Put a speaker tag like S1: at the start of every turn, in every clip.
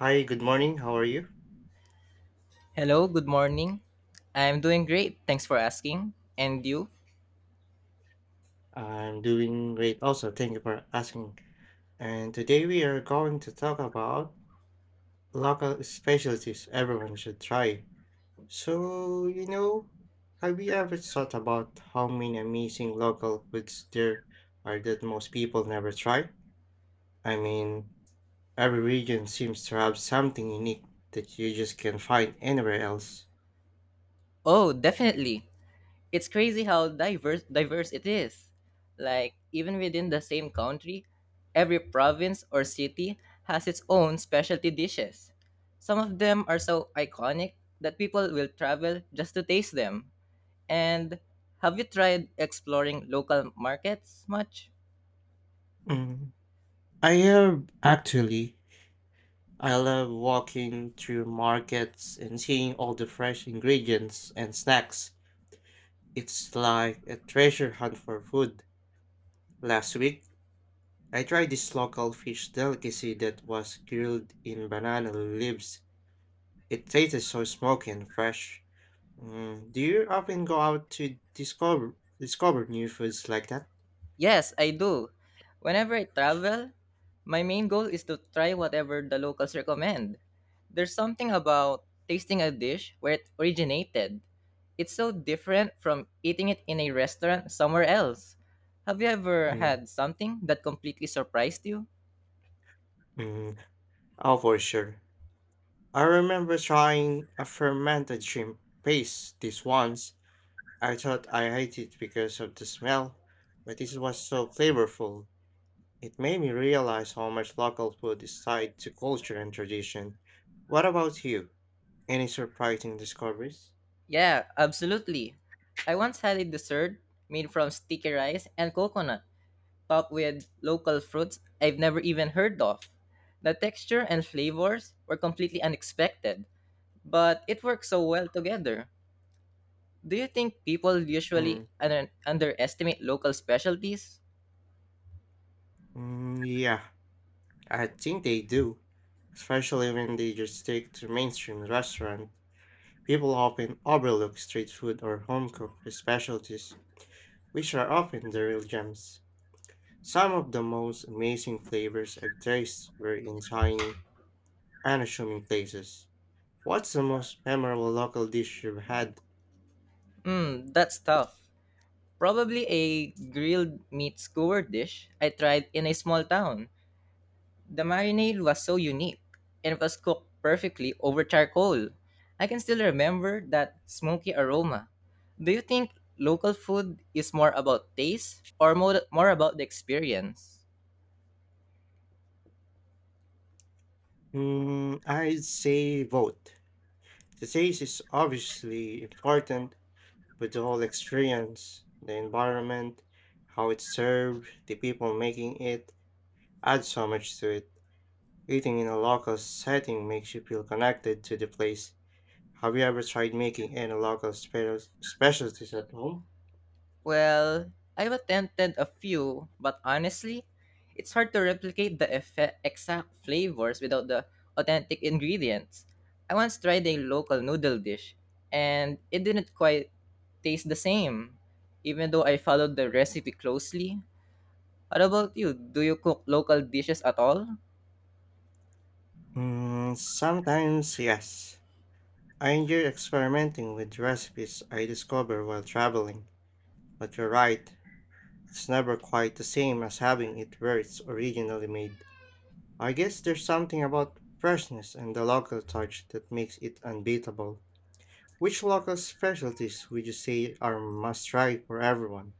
S1: Hi, good morning. How are you?
S2: Hello, good morning. I'm doing great. Thanks for asking. And you?
S1: I'm doing great also. Thank you for asking. And today we are going to talk about local specialties everyone should try. So, you know, have you ever thought about how many amazing local foods there are that most people never try? I mean, every region seems to have something unique that you just can't find anywhere else.
S2: Oh, definitely. It's crazy how diverse it is. Like even within the same country, every province or city has its own specialty dishes. Some of them are so iconic that people will travel just to taste them. And have you tried exploring local markets much?
S1: Mm, I have actually. I love walking through markets and seeing all the fresh ingredients and snacks. It's like a treasure hunt for food. Last week, I tried this local fish delicacy that was grilled in banana leaves. It tasted so smoky and fresh. Do you often go out to discover new foods like that?
S2: Yes, I do. Whenever I travel, my main goal is to try whatever the locals recommend. There's something about tasting a dish where it originated. It's so different from eating it in a restaurant somewhere else. Have you ever
S1: Mm,
S2: had something that completely surprised you?
S1: mm, oh, for sure. I remember trying a fermented shrimp paste this once I thought I hated it because of the smell, but it was so flavorful. It made me realize how much local food is tied to culture and tradition. What about you? Any surprising discoveries?
S2: Yeah, absolutely. I once had a dessert made from sticky rice and coconut. Up with local fruits I've never even heard of. The texture and flavors were completely unexpected, but it worked so well together. Do you think people usually
S1: Mm,
S2: underestimate local specialties?
S1: yeah, I think they do, especially when they just stick to mainstream restaurant. People often overlook street food or home cooked specialties, which are often the real gems. Some of the most amazing flavors I've tasted were in tiny unassuming places. What's the most memorable local dish you've had?
S2: Hmm, that's tough. Probably a grilled meat skewer dish I tried in a small town. The marinade was so unique and it was cooked perfectly over charcoal. I can still remember that smoky aroma. Do you think local food is more about taste or more about the experience?
S1: I'd say both. The taste is obviously important, but the whole experience, the environment, how it's served, the people making it, add so much to it. Eating in a local setting makes you feel connected to the place. Have you ever tried making any local specialties at home?
S2: Well, I've attempted a few, but honestly, it's hard to replicate the exact flavors without the authentic ingredients. I once tried a local noodle dish, and it didn't quite taste the same, even though I followed the recipe closely. What about you? Do you cook local dishes at all?
S1: Sometimes, yes. I enjoy experimenting with recipes I discover while traveling, but you're right, it's never quite the same as having it where it's originally made. I guess there's something about freshness and the local touch that makes it unbeatable. Which local specialties would you say are must try for everyone?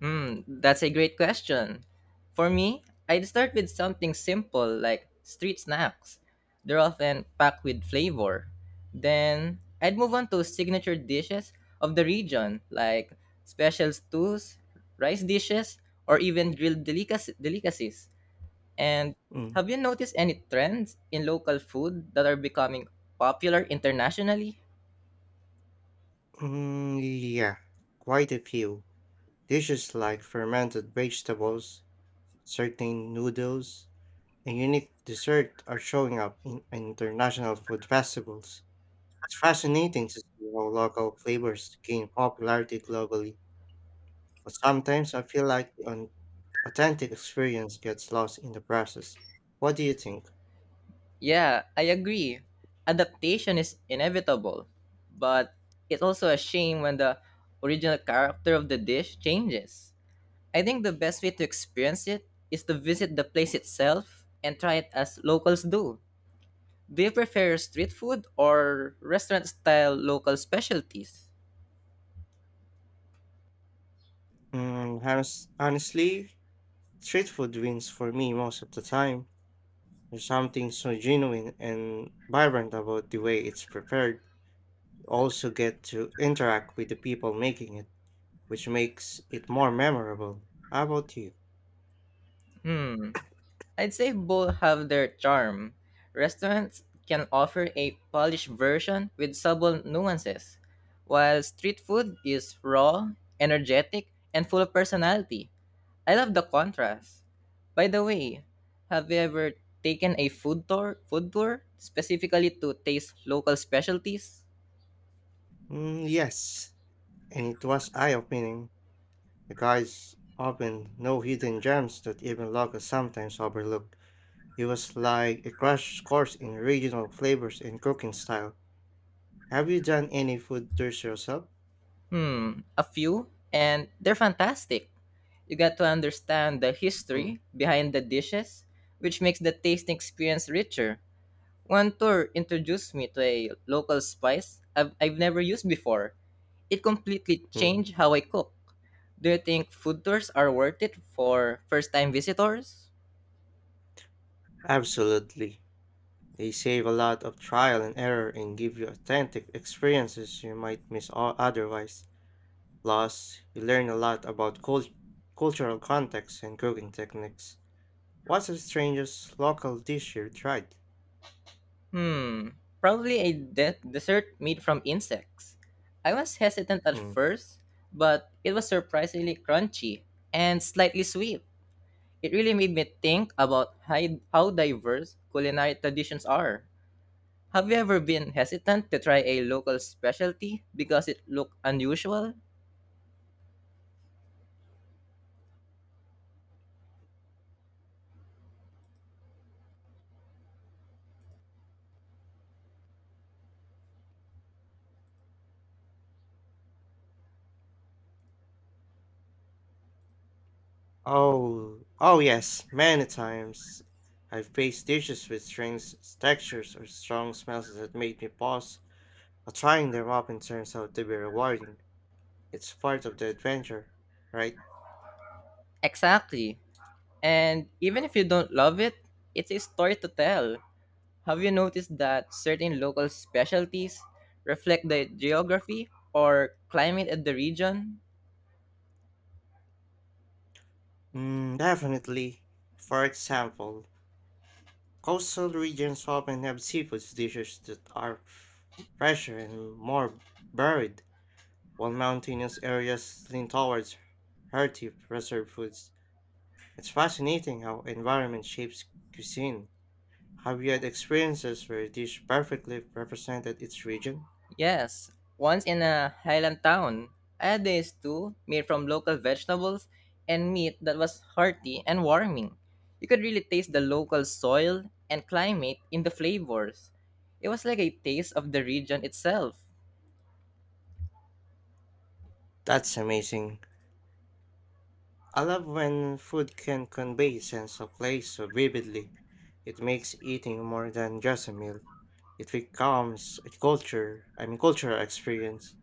S2: Hmm, that's a great question. For me, I'd start with something simple like street snacks. They're often packed with flavor. Then I'd move on to signature dishes of the region like special stews, rice dishes, or even grilled delicacies. And
S1: Mm.
S2: have you noticed any trends in local food that are becoming popular internationally?
S1: Yeah, quite a few. Dishes like fermented vegetables, certain noodles, and unique dessert are showing up in international food festivals. It's fascinating to see how local flavors gain popularity globally, but sometimes I feel like the authentic experience gets lost in the process. What do you think?
S2: Yeah, I agree. Adaptation is inevitable, but it's also a shame when the original character of the dish changes. I think the best way to experience it is to visit the place itself and try it as locals do. Do you prefer street food or restaurant style local specialties?
S1: Honestly, street food wins for me most of the time. There's something so genuine and vibrant about the way it's prepared. You also get to interact with the people making it which makes it more memorable. How about you?
S2: Hmm. I'd say both have their charm. Restaurants can offer a polished version with subtle nuances, while street food is raw, energetic, and full of personality. I love the contrast. By the way, have you ever taken a food tour specifically to taste local specialties?
S1: Mm, yes, and it was eye opening. The guys often know hidden gems that even locals sometimes overlook. It was like a crash course in regional flavors and cooking style. Have you done any food tours yourself?
S2: Hmm, a few, and they're fantastic. You get to understand the
S1: Mm,
S2: history behind the dishes, which makes the tasting experience richer. One tour introduced me to a local spice I've never used before. It completely
S1: mm,
S2: changed how I cook. Do you think food tours are worth it for first time visitors?
S1: Absolutely. They save a lot of trial and error and give you authentic experiences you might miss otherwise. Plus, you learn a lot about cultural context and cooking techniques. What's the strangest local dish you tried?
S2: Hmm, probably a dessert made from insects. I was hesitant at
S1: Mm.
S2: first, but it was surprisingly crunchy and slightly sweet. It really made me think about how diverse culinary traditions are. Have you ever been hesitant to try a local specialty because it looked unusual?
S1: Oh, yes, many times. I've faced dishes with strange textures or strong smells that made me pause. But trying them up and turns out to be rewarding. It's part of the adventure, right?
S2: Exactly. And even if you don't love it, it's a story to tell. Have you noticed that certain local specialties reflect the geography or climate of the region?
S1: Definitely. For example, coastal regions often have seafood dishes that are fresher and more varied, while mountainous areas lean towards hearty preserved foods. It's fascinating how environment shapes cuisine. Have you had experiences where a dish perfectly represented its region?
S2: Yes, once in a highland town, I had a stew made from local vegetables and meat that was hearty and warming. You could really taste the local soil and climate in the flavors. It was like a taste of the region itself.
S1: That's amazing. I love when food can convey a sense of place so vividly. It makes eating more than just a meal. It becomes a culture, I mean cultural experience.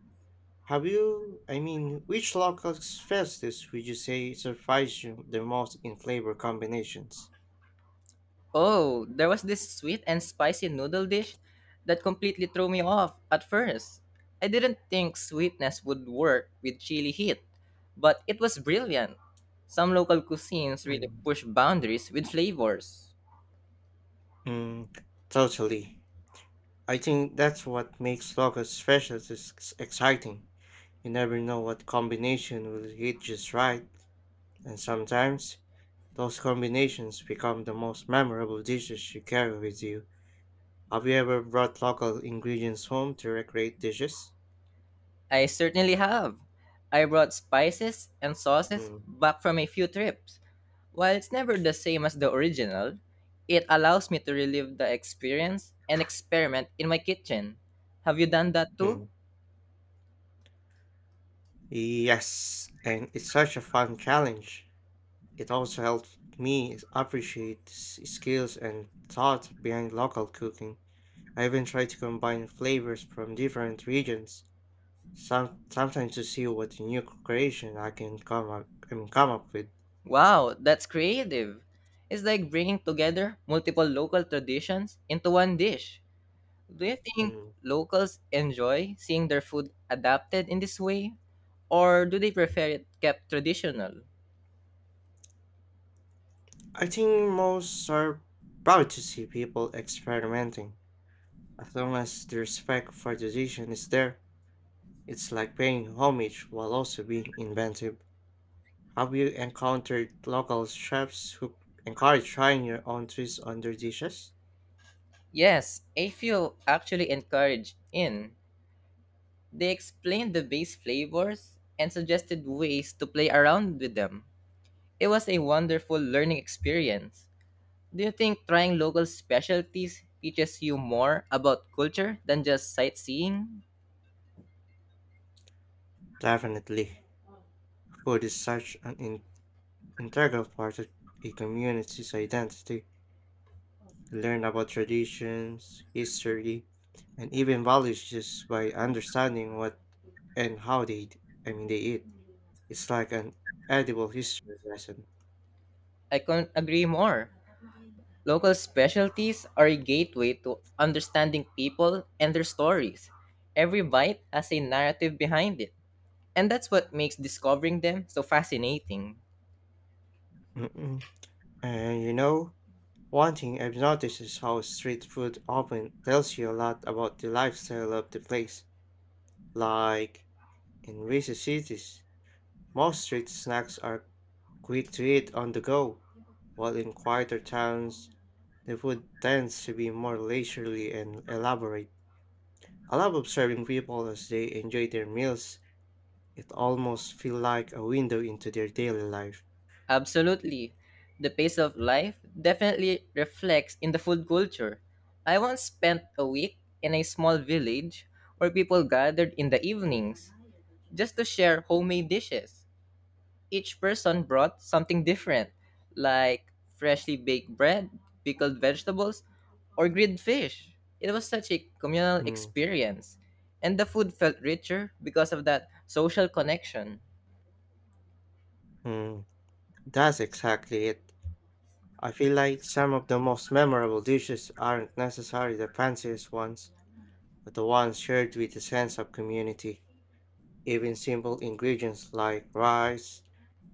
S1: Have you, I mean, Which local festas would you say surprised you the most in flavor combinations?
S2: Oh, there was this sweet and spicy noodle dish that completely threw me off at first. I didn't think sweetness would work with chili heat, but it was brilliant. Some local cuisines really
S1: Mm,
S2: push boundaries with flavors.
S1: mm, Totally. I think that's what makes local specialties exciting. You never know what combination will hit just right, and sometimes those combinations become the most memorable dishes you carry with you. Have you ever brought local ingredients home to recreate dishes?
S2: I certainly have. I brought spices and sauces
S1: Mm,
S2: back from a few trips. While it's never the same as the original, it allows me to relive the experience and experiment in my kitchen. Have you done that too?
S1: mm. Yes, and it's such a fun challenge. It also helped me appreciate skills and thought behind local cooking. I even tried to combine flavors from different regions, sometimes to see what new creation I can come up with.
S2: Wow, that's creative. It's like bringing together multiple local traditions into one dish. Do you think
S1: Mm.
S2: locals enjoy seeing their food adapted in this way? Or do they prefer it kept traditional?
S1: I think most are proud to see people experimenting. As long as the respect for tradition is there, it's like paying homage while also being inventive. Have you encountered local chefs who encourage trying your own twist on their dishes?
S2: Yes, a few actually encourage in. They explained the base flavors and suggested ways to play around with them. It was a wonderful learning experience. Do you think trying local specialties teaches you more about culture than just sightseeing?
S1: Definitely. Food is such an integral part of a community's identity. You learn about traditions, history, and even values just by understanding what and how they, d- I mean, they eat. It's like an edible history lesson.
S2: I couldn't agree more. Local specialties are a gateway to understanding people and their stories. Every bite has a narrative behind it, and that's what makes discovering them so fascinating.
S1: Mm-mm. And you know, one thing I've noticed is how street food often tells you a lot about the lifestyle of the place. Like in busy cities, most street snacks are quick to eat on the go, while in quieter towns, the food tends to be more leisurely and elaborate. I love observing people as they enjoy their meals. It almost feels like a window into their daily life.
S2: Absolutely. The pace of life definitely reflects in the food culture. I once spent a week in a small village where people gathered in the evenings. Just to share homemade dishes. Each person brought something different, like freshly baked bread, pickled vegetables, or grilled fish. It was such a communal
S1: Mm,
S2: experience, and the food felt richer because of that social connection.
S1: mm, that's exactly it. I feel like some of the most memorable dishes aren't necessarily the fanciest ones, but the ones shared with a sense of community. Even simple ingredients like rice,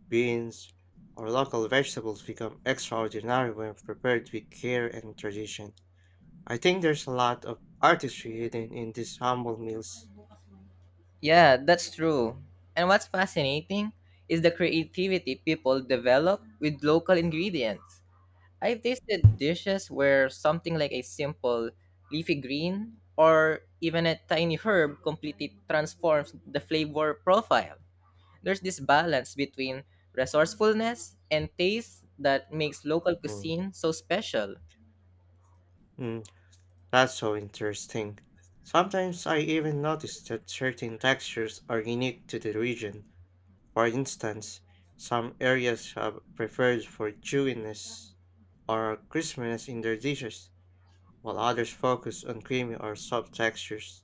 S1: beans, or local vegetables become extraordinary when prepared with care and tradition. I think there's a lot of artistry hidden in these humble meals.
S2: Yeah, that's true. And what's fascinating is the creativity people develop with local ingredients. I've tasted dishes where something like a simple leafy green or even a tiny herb completely transforms the flavor profile. There's this balance between resourcefulness and taste that makes local
S1: Mm.
S2: cuisine so special.
S1: Mm, that's so interesting. Sometimes I even notice that certain textures are unique to the region. For instance, some areas have preferred for chewiness or crispiness in their dishes, while others focus on creamy or soft textures.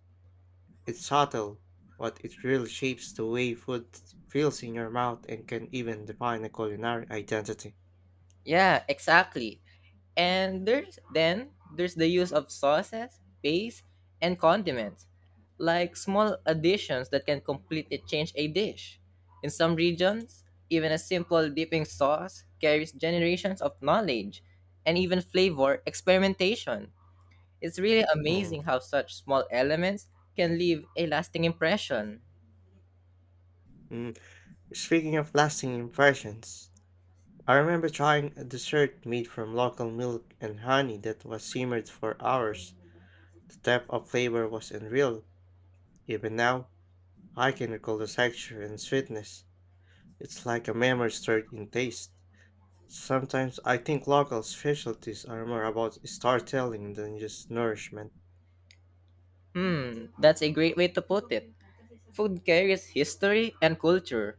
S1: It's subtle, but it really shapes the way food feels in your mouth and can even define a culinary identity.
S2: Yeah, exactly. And there's then there's the use of sauces, paste, and condiments, like small additions that can completely change a dish. In some regions, even a simple dipping sauce carries generations of knowledge and even flavor experimentation. It's really
S1: Mm.
S2: amazing how such small elements can leave a lasting impression.
S1: Mm. Speaking of lasting impressions, I remember trying a dessert made from local milk and honey that was simmered for hours. The depth of flavor was unreal. Even now, I can recall the texture and sweetness. It's like a memory stored in taste. Sometimes I think local specialties are more about storytelling than just nourishment.
S2: Hmm, that's a great way to put it. Food carries history and culture,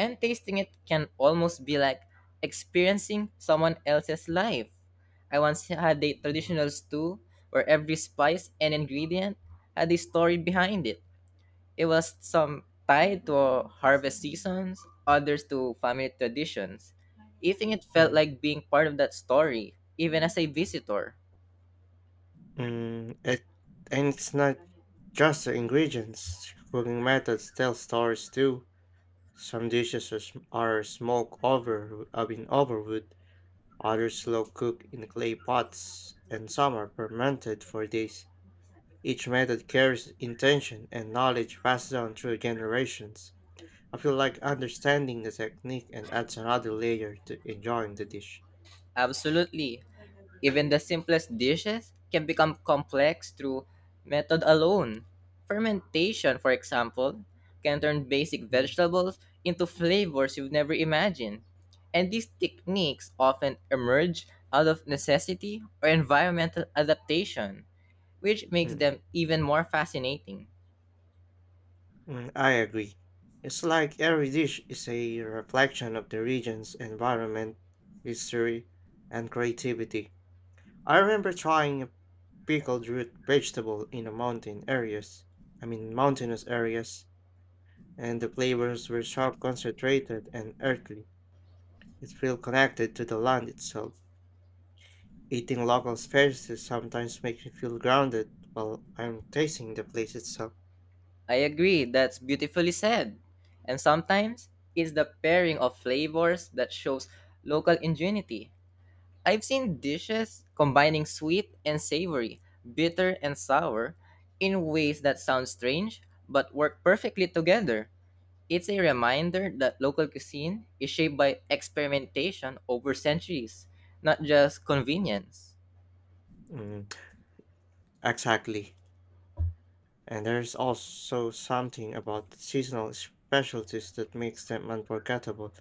S2: and tasting it can almost be like experiencing someone else's life. I once had a
S1: Mm,
S2: traditional stew where every spice and ingredient had a story behind it. It was some tied to harvest seasons, others to family traditions. Eating it felt
S1: mm,
S2: like being part of that story, even as a visitor.
S1: mm, It, and it's not just the ingredients. Cooking methods tell stories too. Some dishes are smoked over others slow cooked in clay pots, and some are fermented for days. Each method carries intention and knowledge passed on through generations. I feel like understanding the technique and adds another layer to enjoying the dish.
S2: Absolutely. Even the simplest dishes can become complex through method alone. Fermentation, for example, can turn basic
S1: Mm,
S2: vegetables into flavors you've never imagined. And these techniques often emerge out of necessity or environmental adaptation, which makes
S1: mm,
S2: them even more fascinating.
S1: I agree. It's like every dish is a reflection of the region's environment, history, and creativity. I remember trying a pickled root vegetable in a mountainous areas, and the flavors were sharp, concentrated, and earthly. It feels connected to the land itself. Eating local spices sometimes makes me feel grounded while I'm tasting the place itself.
S2: I agree, that's beautifully said. And sometimes it's the pairing of flavors that shows local ingenuity. I've seen dishes combining sweet and savory, bitter and sour, in ways that sound strange but work perfectly together. It's a reminder that local cuisine is shaped by experimentation over centuries, not just convenience.
S1: Mm, exactly. And there's also something about seasonal specialties that makes them unforgettable.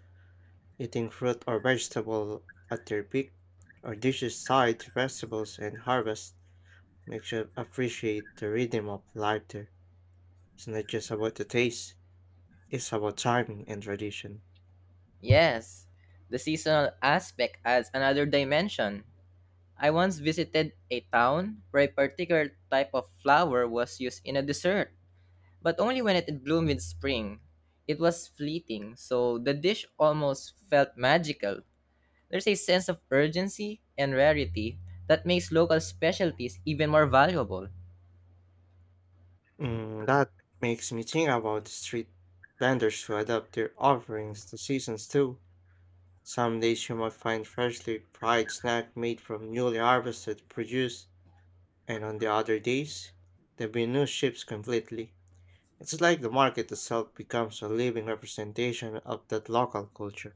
S1: Eating fruit or vegetable at their peak, or dishes tied to festivals and harvest, makes you appreciate the rhythm of life there. It's not just about the taste, it's about timing and tradition.
S2: Yes, the seasonal aspect adds another dimension. I once visited a town where a particular type of flower was used in a dessert but only when it bloomed in spring. It was fleeting, so the dish almost felt magical. There's a sense of urgency and rarity that makes local specialties even more valuable.
S1: Mm, that makes me think about the street vendors who adapt their offerings to seasons too. Some days you might find freshly fried snack made from newly harvested produce, and on the other days, the menu shifts completely. It's like the market itself becomes a living representation of that local culture.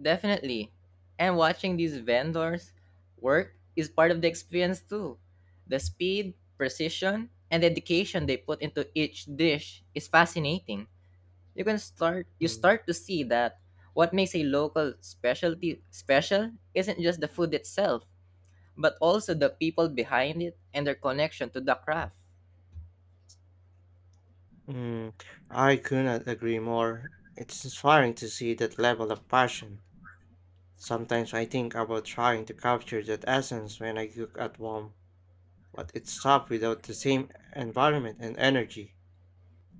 S2: Definitely. And watching these vendors work is part of the experience too. The speed, precision, and dedication they put into each dish is fascinating. You
S1: Mm.
S2: start to see that what makes a local specialty special isn't just the food itself, but also the people behind it and their connection to the craft.
S1: Mm, I could not agree more. It's inspiring to see that level of passion. Sometimes I think about trying to capture that essence when I cook at home, but it's tough without the same environment and energy.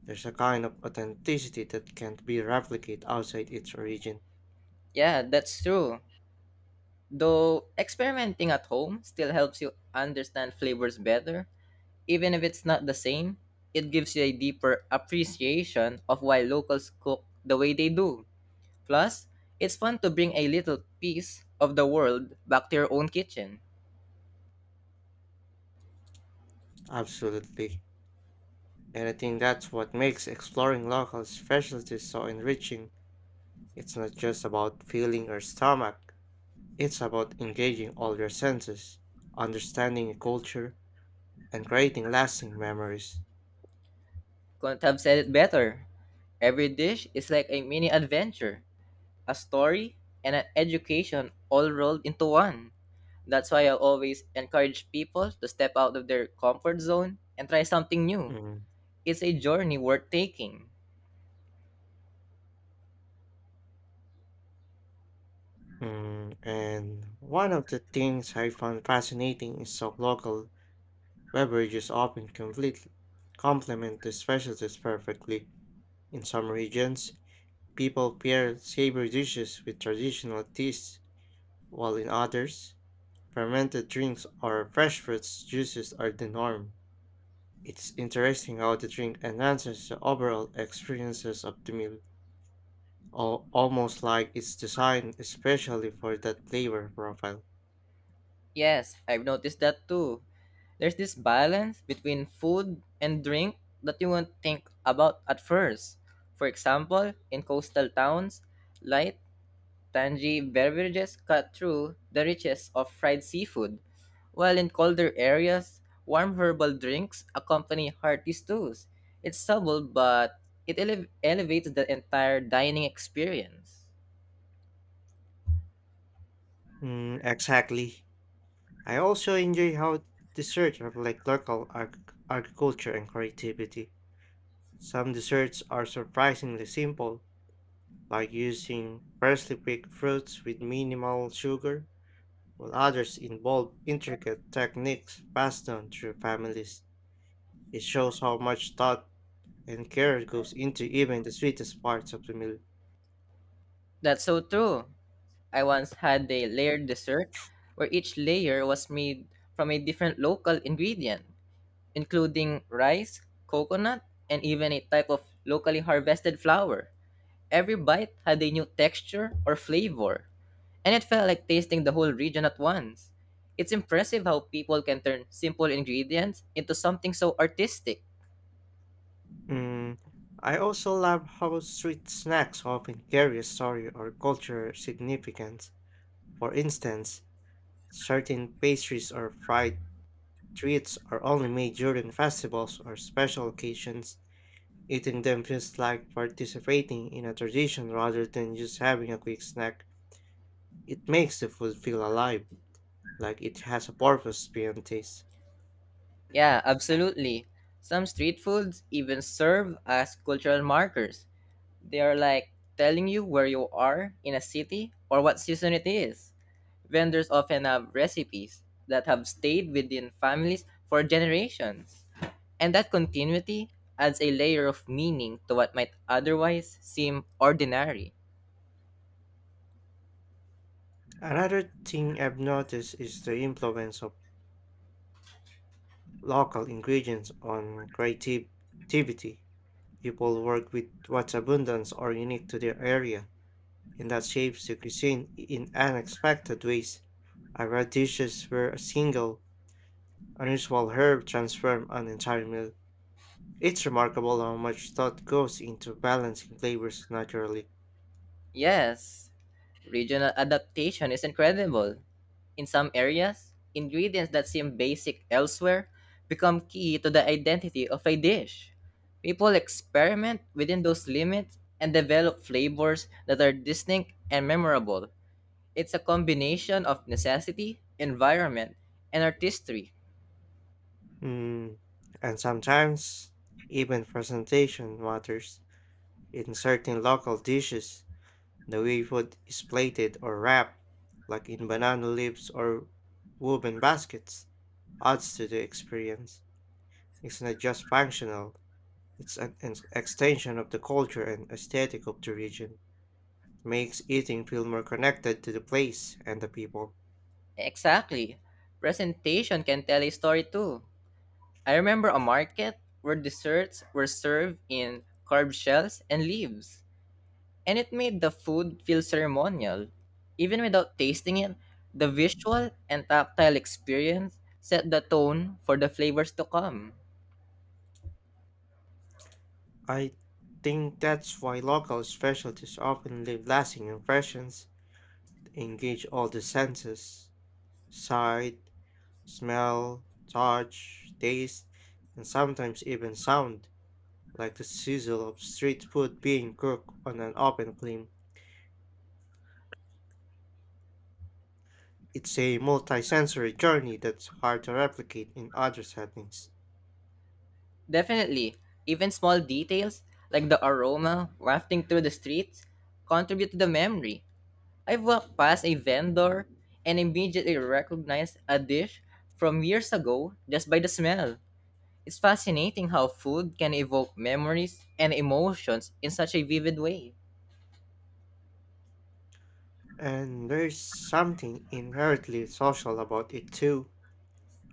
S1: There's a kind of authenticity that can't be replicated outside its origin.
S2: Yeah, that's true. Though experimenting at home still helps you understand flavors better, even if it's not the same, it gives you a deeper appreciation of why locals cook the way they do. Plus, it's fun to bring a little piece of the world back to your own kitchen.
S1: Absolutely. And I think that's what makes exploring local specialties so enriching. It's not just about filling your stomach, it's about engaging all your senses, understanding a culture, and creating lasting memories.
S2: Couldn't have said it better. Every dish is like a mini adventure, a story, and an education all rolled into one. That's why I always encourage people to step out of their comfort zone and try something new.
S1: Mm,
S2: It's a journey worth taking.
S1: And one of the things I found fascinating is so local beverages often complement the specialties perfectly. In some regions, people pair savory dishes with traditional teas, while in others, fermented drinks or fresh fruits juices are the norm. It's interesting how the drink enhances the overall experiences of the meal, almost like it's designed especially for that flavor profile.
S2: Yes, I've noticed that too. There's this balance between food and drink that you won't think about at first. For example, in coastal towns, light tangy beverages cut through the riches of fried seafood, while in colder areas, warm herbal drinks accompany hearty stews. It's subtle, but it elevates the entire dining experience.
S1: Mm, exactly. I also enjoy how desserts reflect local agriculture and creativity. Some desserts are surprisingly simple, like using freshly picked fruits with minimal sugar, while others involve intricate techniques passed down through families. It shows how much thought and care goes into even the sweetest parts of the meal.
S2: That's so true. I once had a layered dessert where each layer was made from a different local ingredient, including rice, coconut, and even a type of locally harvested flour. Every bite had a new texture or flavor, and it felt like tasting the whole region at once. It's impressive how people can turn simple ingredients into something so artistic.
S1: Mm, I also love how sweet snacks often carry a story or cultural significance. For instance, certain pastries or fried treats are only made during festivals or special occasions. Eating them feels like participating in a tradition rather than just having a quick snack. It makes the food feel alive, like it has a purpose beyond taste.
S2: Yeah, absolutely. Some street foods even serve as cultural markers. They are like telling you where you are in a city or what season it is. Vendors often have recipes that have stayed within families for generations. And that continuity adds a layer of meaning to what might otherwise seem ordinary.
S1: Another thing I've noticed is the influence of local ingredients on creativity. People work with what's abundant or unique to their area, and that shapes the cuisine in unexpected ways. Agra dishes where a single, unusual herb transforms an entire meal. It's remarkable how much thought goes into balancing flavors naturally.
S2: Yes, regional adaptation is incredible. In some areas, ingredients that seem basic elsewhere become key to the identity of a dish. People experiment within those limits and develop flavors that are distinct and memorable. It's a combination of necessity, environment, and artistry.
S1: Mm. And sometimes, even presentation matters. In certain local dishes, the way food is plated or wrapped, like in banana leaves or woven baskets, adds to the experience. It's not just functional, it's an extension of the culture and aesthetic of the region, makes eating feel more connected to the place and the people.
S2: Exactly. Presentation can tell a story too. I remember a market where desserts were served in carved shells and leaves, and it made the food feel ceremonial. Even without tasting it, the visual and tactile experience set the tone for the flavors to come.
S1: I think that's why local specialties often leave lasting impressions. They engage all the senses: sight, smell, touch, taste, and sometimes even sound, like the sizzle of street food being cooked on an open flame. It's a multisensory journey that's hard to replicate in other settings.
S2: Definitely, even small details like the aroma wafting through the streets contribute to the memory. I've walked past a vendor and immediately recognized a dish from years ago just by the smell. It's fascinating how food can evoke memories and emotions in such a vivid way.
S1: And there's something inherently social about it too.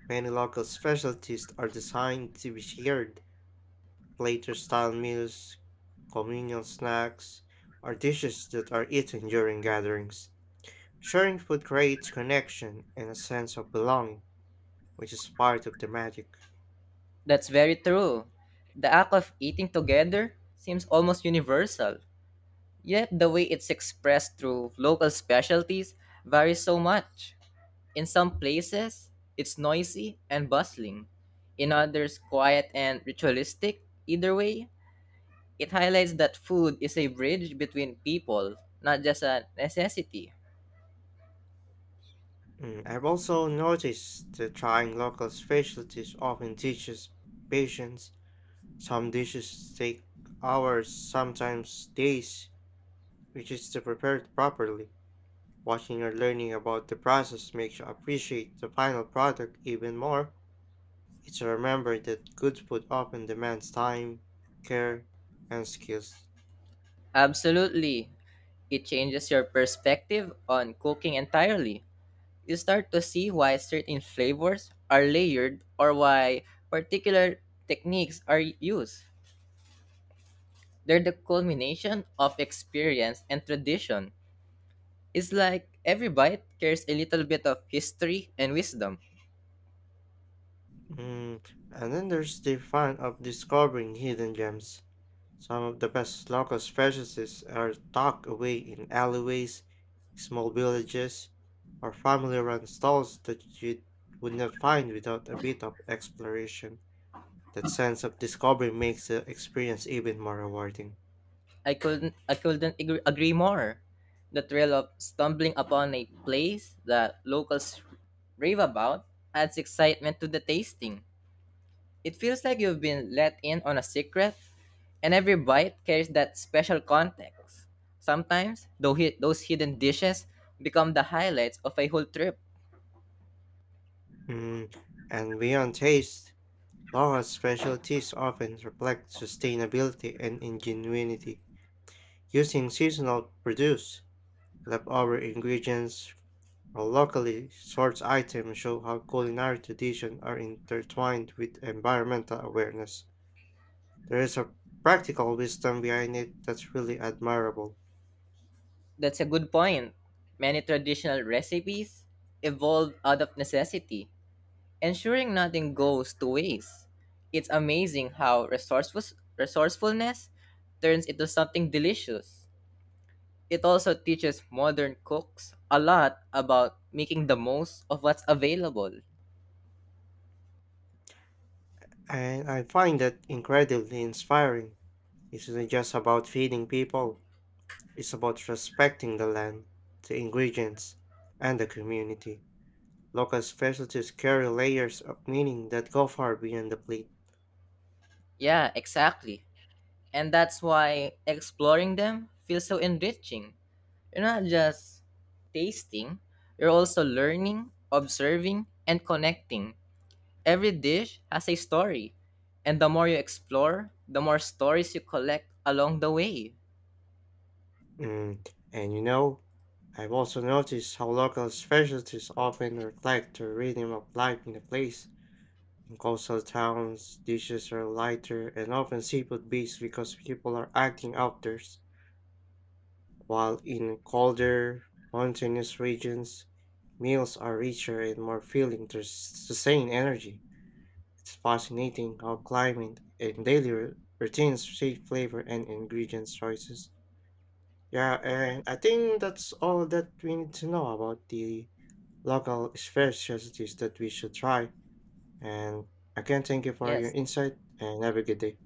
S1: Many local specialties are designed to be shared, platter style meals, communal snacks, or dishes that are eaten during gatherings. Sharing food creates connection and a sense of belonging, which is part of the magic.
S2: That's very true. The act of eating together seems almost universal, yet the way it's expressed through local specialties varies so much. In some places, it's noisy and bustling, in others, quiet and ritualistic. Either way, it highlights that food is a bridge between people, not just a necessity.
S1: I've also noticed that trying local specialties often teaches patience. Some dishes take hours, sometimes days, which is to prepare it properly. Watching or learning about the process makes you appreciate the final product even more. It's a remember that good food often demands time, care, and skills.
S2: Absolutely. It changes your perspective on cooking entirely. You start to see why certain flavors are layered or why particular techniques are used. They're the culmination of experience and tradition. It's like every bite carries a little bit of history and wisdom.
S1: Mm. And then there's the fun of discovering hidden gems. Some of the best local specialties are tucked away in alleyways, small villages, or family run stalls that you would not find without a bit of exploration. That sense of discovery makes the experience even more rewarding.
S2: I couldn't agree more. The thrill of stumbling upon a place that locals rave about adds excitement to the tasting. It feels like you've been let in on a secret, and every bite carries that special context. Sometimes, those hidden dishes become the highlights of a whole trip.
S1: Mm, and beyond taste, Laura's specialties often reflect sustainability and ingenuity, using seasonal produce, leftover ingredients, or locally sourced items show how culinary traditions are intertwined with environmental awareness. There is a practical wisdom behind it that's really admirable,
S2: That's a good point. Many traditional recipes evolve out of necessity ensuring nothing goes to waste. It's amazing how resourcefulness turns into something delicious. It also teaches modern cooks a lot about making the most of what's available.
S1: and I find that incredibly inspiring. It's not just about feeding people. It's about respecting the land, the ingredients, and the community. Local specialties carry layers of meaning that go far beyond the plate.
S2: Yeah, exactly. And that's why exploring them feels so enriching. You're not just tasting, you're also learning, observing, and connecting. Every dish has a story, and the more you explore, the more stories you collect along the way.
S1: Mm. And you know, I've also noticed how local specialties often reflect the rhythm of life in the place. In coastal towns, dishes are lighter and often seafood based because people are acting outdoors, while in colder, mountainous regions, meals are richer and more filling to sustain energy. It's fascinating how climate and daily routines shape flavor and ingredients choices. Yeah, and I think that's all that we need to know about the local specialties that we should try. And again, thank you for your
S2: Yes.
S1: insight and have a good day.